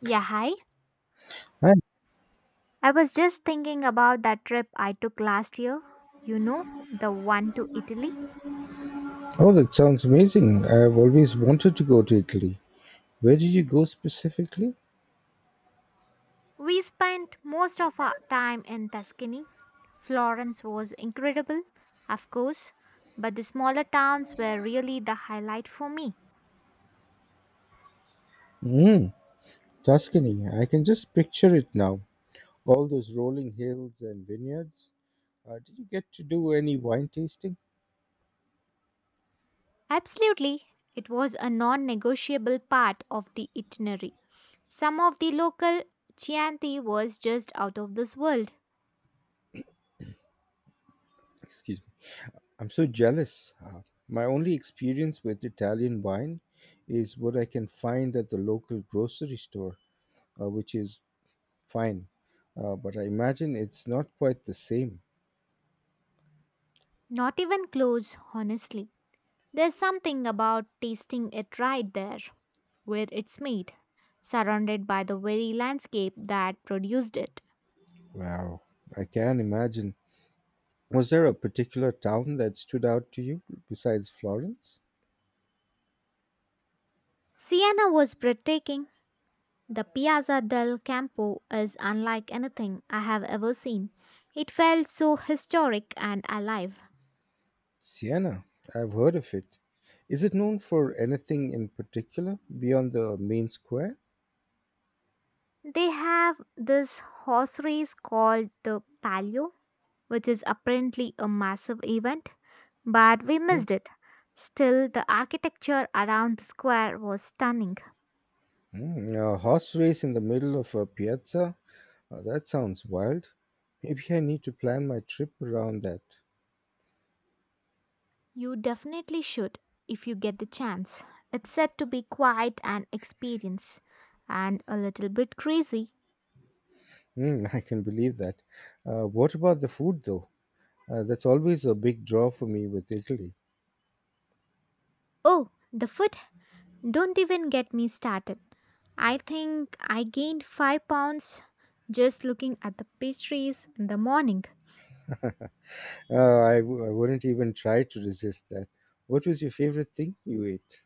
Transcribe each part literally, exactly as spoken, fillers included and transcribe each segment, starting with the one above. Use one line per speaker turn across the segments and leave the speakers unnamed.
Yeah, hi.
Hi.
I was just thinking about that trip I took last year. You know, the one to Italy.
Oh, that sounds amazing. I've always wanted to go to Italy. Where did you go specifically?
We spent most of our time in Tuscany. Florence was incredible, of course, but the smaller towns were really the highlight for me.
Mm, Tuscany. I can just picture it now. All those rolling hills and vineyards. Uh, did you get to do any wine tasting?
Absolutely, it was a non negotiable part of the itinerary. Some of the local Chianti was just out of this world.
Excuse me. I'm so jealous. Uh, my only experience with Italian wine is what I can find at the local grocery store, uh, which is fine. Uh, but I imagine it's not quite the same.
Not even close, honestly. There's something about tasting it right there, where it's made, surrounded by the very landscape that produced it.
Wow, I can imagine. Was there a particular town that stood out to you besides Florence?
Siena was breathtaking. The Piazza del Campo is unlike anything I have ever seen. It felt so historic and alive.
Siena, I've heard of it. Is it known for anything in particular beyond the main square?
They have this horse race called the Palio, which is apparently a massive event, but we
Hmm.
missed it. Still, the architecture around the square was stunning.
Hmm, a horse race in the middle of a piazza? Uh, that sounds wild. Maybe I need to plan my trip around that.
You definitely should if you get the chance. It's said to be quite an experience and a little bit crazy.
Hmm. I can believe that. Uh, what about the food, though? Uh, that's always a big draw for me with Italy.
Oh, the food? Don't even get me started. I think I gained five pounds just looking at the pastries in the morning.
Uh, I, w- I wouldn't even try to resist that. What was your favorite thing you ate?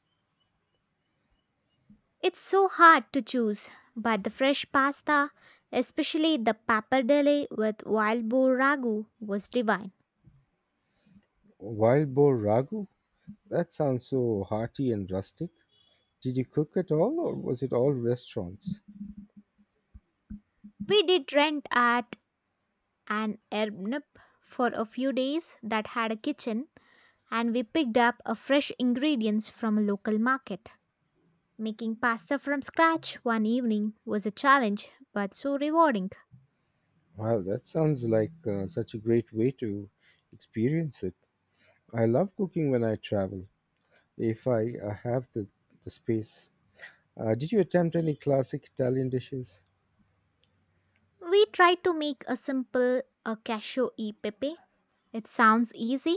It's so hard to choose, but the fresh pasta, especially the pappardelle with wild boar ragu, was divine.
Wild boar ragu? That sounds so hearty and rustic. Did you cook at all, or was it all restaurants?
We did rent at an Airbnb for a few days that had a kitchen, and we picked up a fresh ingredients from a local market. Making pasta from scratch one evening was a challenge but so rewarding.
Wow, that sounds like uh, such a great way to experience it. I love cooking when I travel, if I uh, have the, the space. Uh, did you attempt any classic Italian dishes?
We tried to make a simple a cashew e pepe. It sounds easy,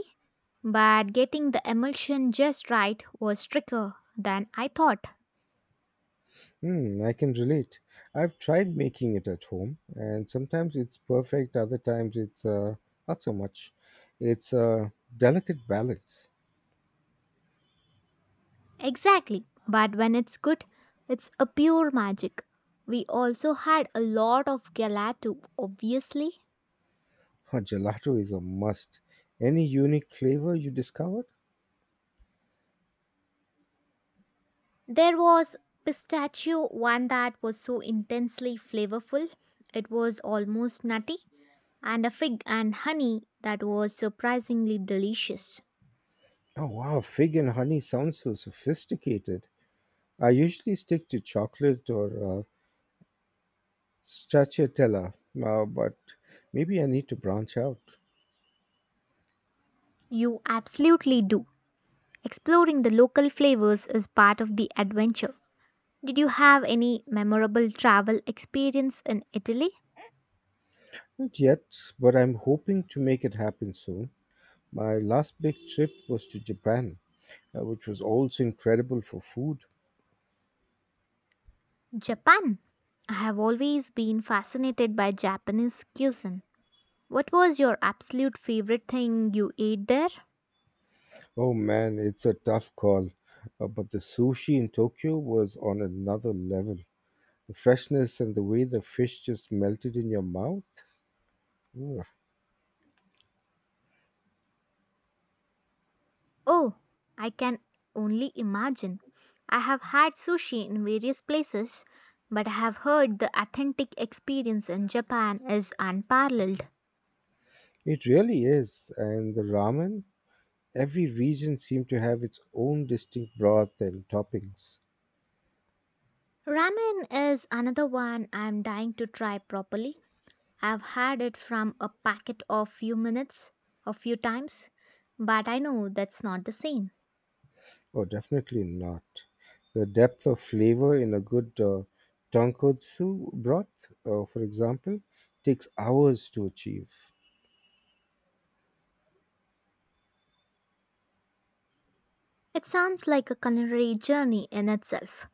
but getting the emulsion just right was trickier than I thought.
Hmm, I can relate. I've tried making it at home, and sometimes it's perfect, other times it's uh, not so much. It's a delicate balance.
Exactly, but when it's good, it's a pure magic. We also had a lot of gelato, obviously.
Oh, gelato is a must. Any unique flavor you discovered?
There was pistachio one that was so intensely flavorful it was almost nutty, and a fig and honey that was surprisingly delicious.
Oh wow, fig and honey sounds so sophisticated. I usually stick to chocolate or uh, stracciatella, uh, but maybe I need to branch out.
You absolutely do. Exploring the local flavors is part of the adventure. Did you have any memorable travel experience in Italy?
Not yet, but I'm hoping to make it happen soon. My last big trip was to Japan, uh, which was also incredible for food.
Japan. I have always been fascinated by Japanese cuisine. What was your absolute favorite thing you ate there?
Oh man, it's a tough call, uh, but the sushi in Tokyo was on another level. The freshness and the way the fish just melted in your mouth. Ugh.
Oh, I can only imagine. I have had sushi in various places, but I have heard the authentic experience in Japan is unparalleled.
It really is. And the ramen, every region seemed to have its own distinct broth and toppings.
Ramen is another one I am dying to try properly. I've had it from a packet of few minutes, a few times, but I know that's not the same.
Oh, definitely not. The depth of flavor in a good uh, tonkotsu broth, uh, for example, takes hours to achieve.
It sounds like a culinary journey in itself.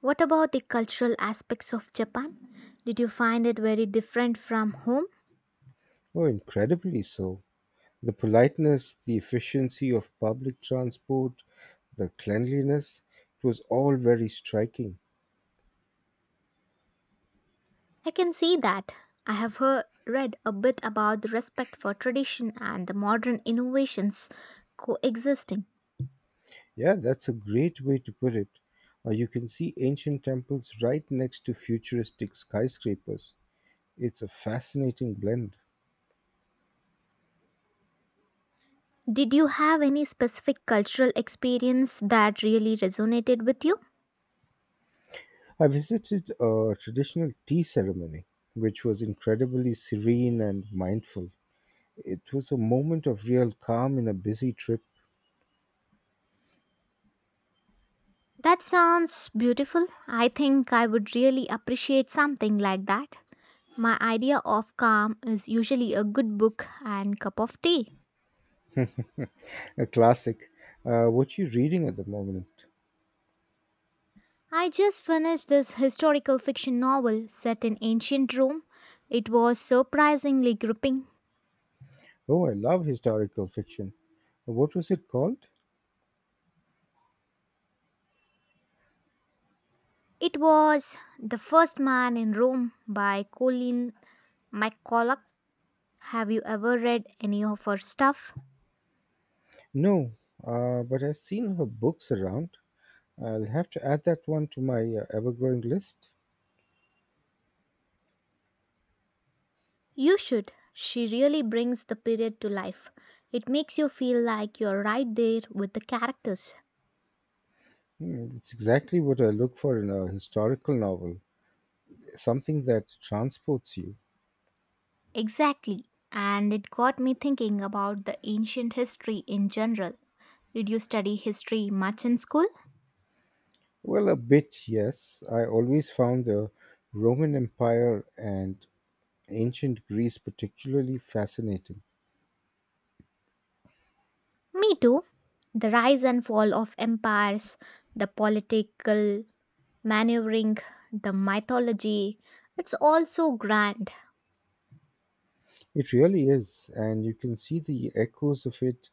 What about the cultural aspects of Japan? Did you find it very different from home?
Oh, incredibly so. The politeness, the efficiency of public transport, the cleanliness, it was all very striking.
I can see that. I have heard, read a bit about the respect for tradition and the modern innovations coexisting.
Yeah, that's a great way to put it. Uh, you can see ancient temples right next to futuristic skyscrapers. It's a fascinating blend.
Did you have any specific cultural experience that really resonated with you?
I visited a traditional tea ceremony, which was incredibly serene and mindful. It was a moment of real calm in a busy trip.
That sounds beautiful. I think I would really appreciate something like that. My idea of calm is usually a good book and cup of tea.
A classic. Uh, what are you reading at the moment?
I just finished this historical fiction novel set in ancient Rome. It was surprisingly gripping.
Oh, I love historical fiction. What was it called?
It was The First Man in Rome by Colleen McCulloch. Have you ever read any of her stuff?
No, uh, but I've seen her books around. I'll have to add that one to my uh, ever-growing list.
You should. She really brings the period to life. It makes you feel like you're right there with the characters.
Hmm, it's exactly what I look for in a historical novel, something that transports you.
Exactly. And it got me thinking about the ancient history in general. Did you study history much in school?
Well, a bit, yes. I always found the Roman Empire and ancient Greece particularly fascinating.
Me too. The rise and fall of empires, the political maneuvering, the mythology. It's all so grand.
It really is, and you can see the echoes of it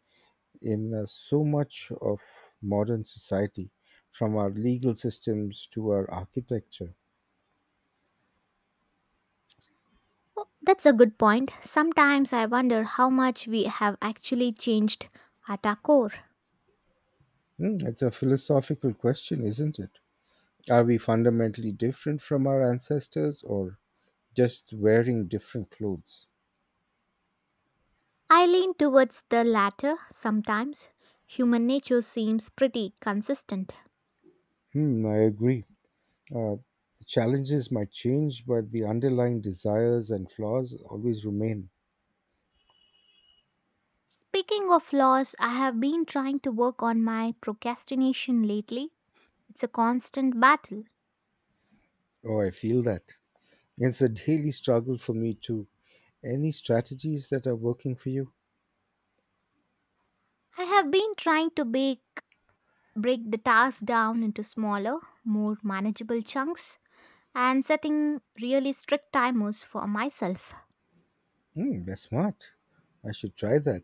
in uh, so much of modern society, from our legal systems to our architecture.
Oh, that's a good point. Sometimes I wonder how much we have actually changed at our core.
Hmm, it's a philosophical question, isn't it? Are we fundamentally different from our ancestors or just wearing different clothes?
I lean towards the latter sometimes. Human nature seems pretty consistent.
Hmm, I agree. Uh, the challenges might change, but the underlying desires and flaws always remain.
Speaking of flaws, I have been trying to work on my procrastination lately. It's a constant battle.
Oh, I feel that. It's a daily struggle for me too. Any strategies that are working for you?
I have been trying to bake, break the task down into smaller, more manageable chunks and setting really strict timers for myself.
Hmm, that's smart. I should try that.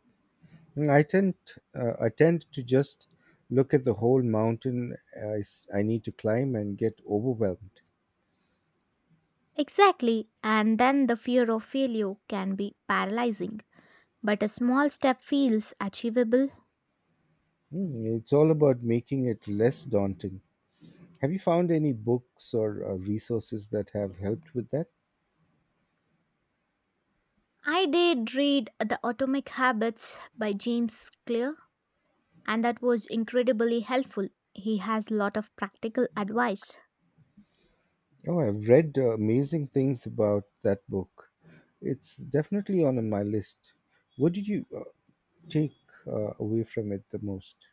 Mm, I tend uh, I tend to just look at the whole mountain I, s- I need to climb and get overwhelmed.
Exactly, and then the fear of failure can be paralyzing, but a small step feels achievable.
Mm, it's all about making it less daunting. Have you found any books or uh, resources that have helped with that?
I did read The Atomic Habits by James Clear, and that was incredibly helpful. He has a lot of practical advice.
Oh, I've read uh, amazing things about that book. It's definitely on my list. What did you uh, take uh, away from it the most?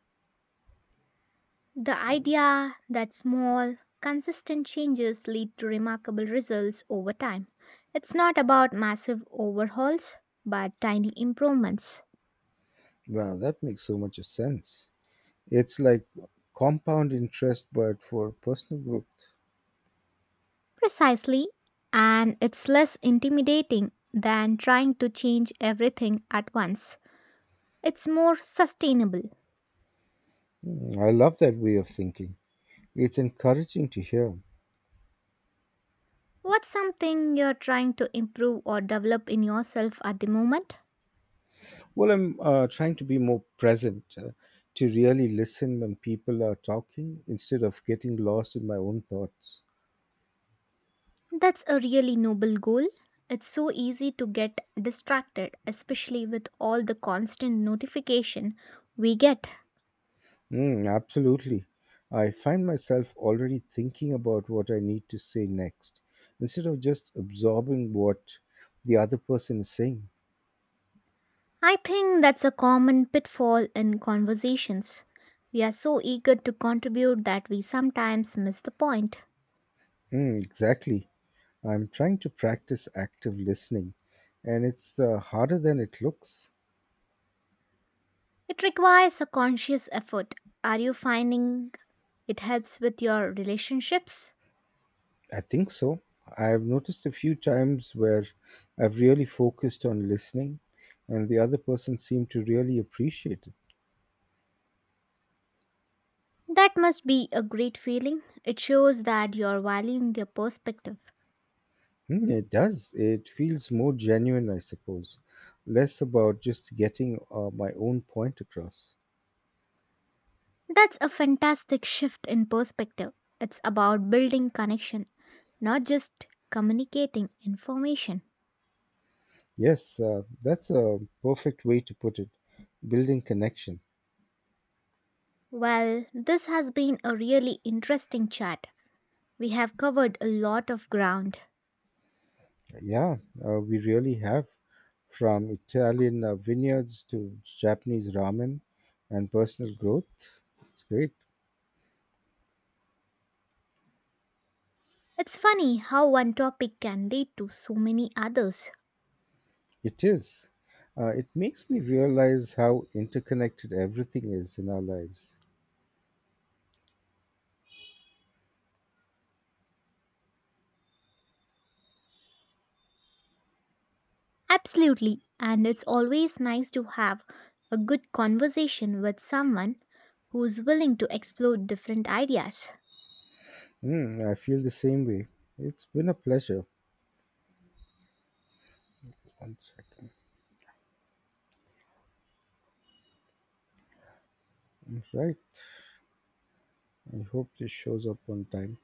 The idea that small, consistent changes lead to remarkable results over time. It's not about massive overhauls, but tiny improvements.
Wow, that makes so much sense. It's like compound interest, but for personal growth.
Precisely, and it's less intimidating than trying to change everything at once. It's more sustainable.
Mm, I love that way of thinking. It's encouraging to hear.
What's something you're trying to improve or develop in yourself at the moment?
Well, I'm uh, trying to be more present, uh, to really listen when people are talking instead of getting lost in my own thoughts.
That's a really noble goal. It's so easy to get distracted, especially with all the constant notification we get.
Mm, absolutely. I find myself already thinking about what I need to say next instead of just absorbing what the other person is saying.
I think that's a common pitfall in conversations. We are so eager to contribute that we sometimes miss the point.
Mm, exactly. I'm trying to practice active listening, and it's uh, harder than it looks.
It requires a conscious effort. Are you finding it helps with your relationships?
I think so. I've noticed a few times where I've really focused on listening and the other person seemed to really appreciate it.
That must be a great feeling. It shows that you're valuing their perspective.
Hmm, it does. It feels more genuine, I suppose. Less about just getting uh, my own point across.
That's a fantastic shift in perspective. It's about building connection, not just communicating information.
Yes, uh, that's a perfect way to put it. Building connection.
Well, this has been a really interesting chat. We have covered a lot of ground.
Yeah, uh, we really have. From Italian uh, vineyards to Japanese ramen and personal growth. It's great.
It's funny how one topic can lead to so many others.
It is. Uh, it makes me realize how interconnected everything is in our lives.
Absolutely. And it's always nice to have a good conversation with someone who's willing to explore different ideas.
Mm, I feel the same way. It's been a pleasure. One second. Right. I hope this shows up on time.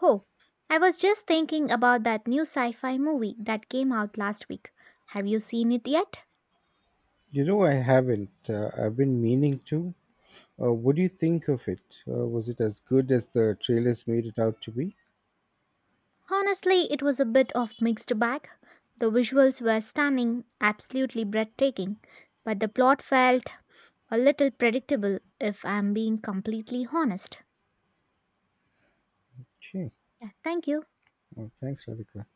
Oh, I was just thinking about that new sci fi movie that came out last week. Have you seen it yet?
You know, I haven't. Uh, I've been meaning to. Uh, what do you think of it? Uh, was it as good as the trailers made it out to be?
Honestly, it was a bit of mixed bag. The visuals were stunning, absolutely breathtaking, but the plot felt a little predictable if I'm being completely honest.
Okay.
Yeah, thank you.
Well, thanks, Radhika.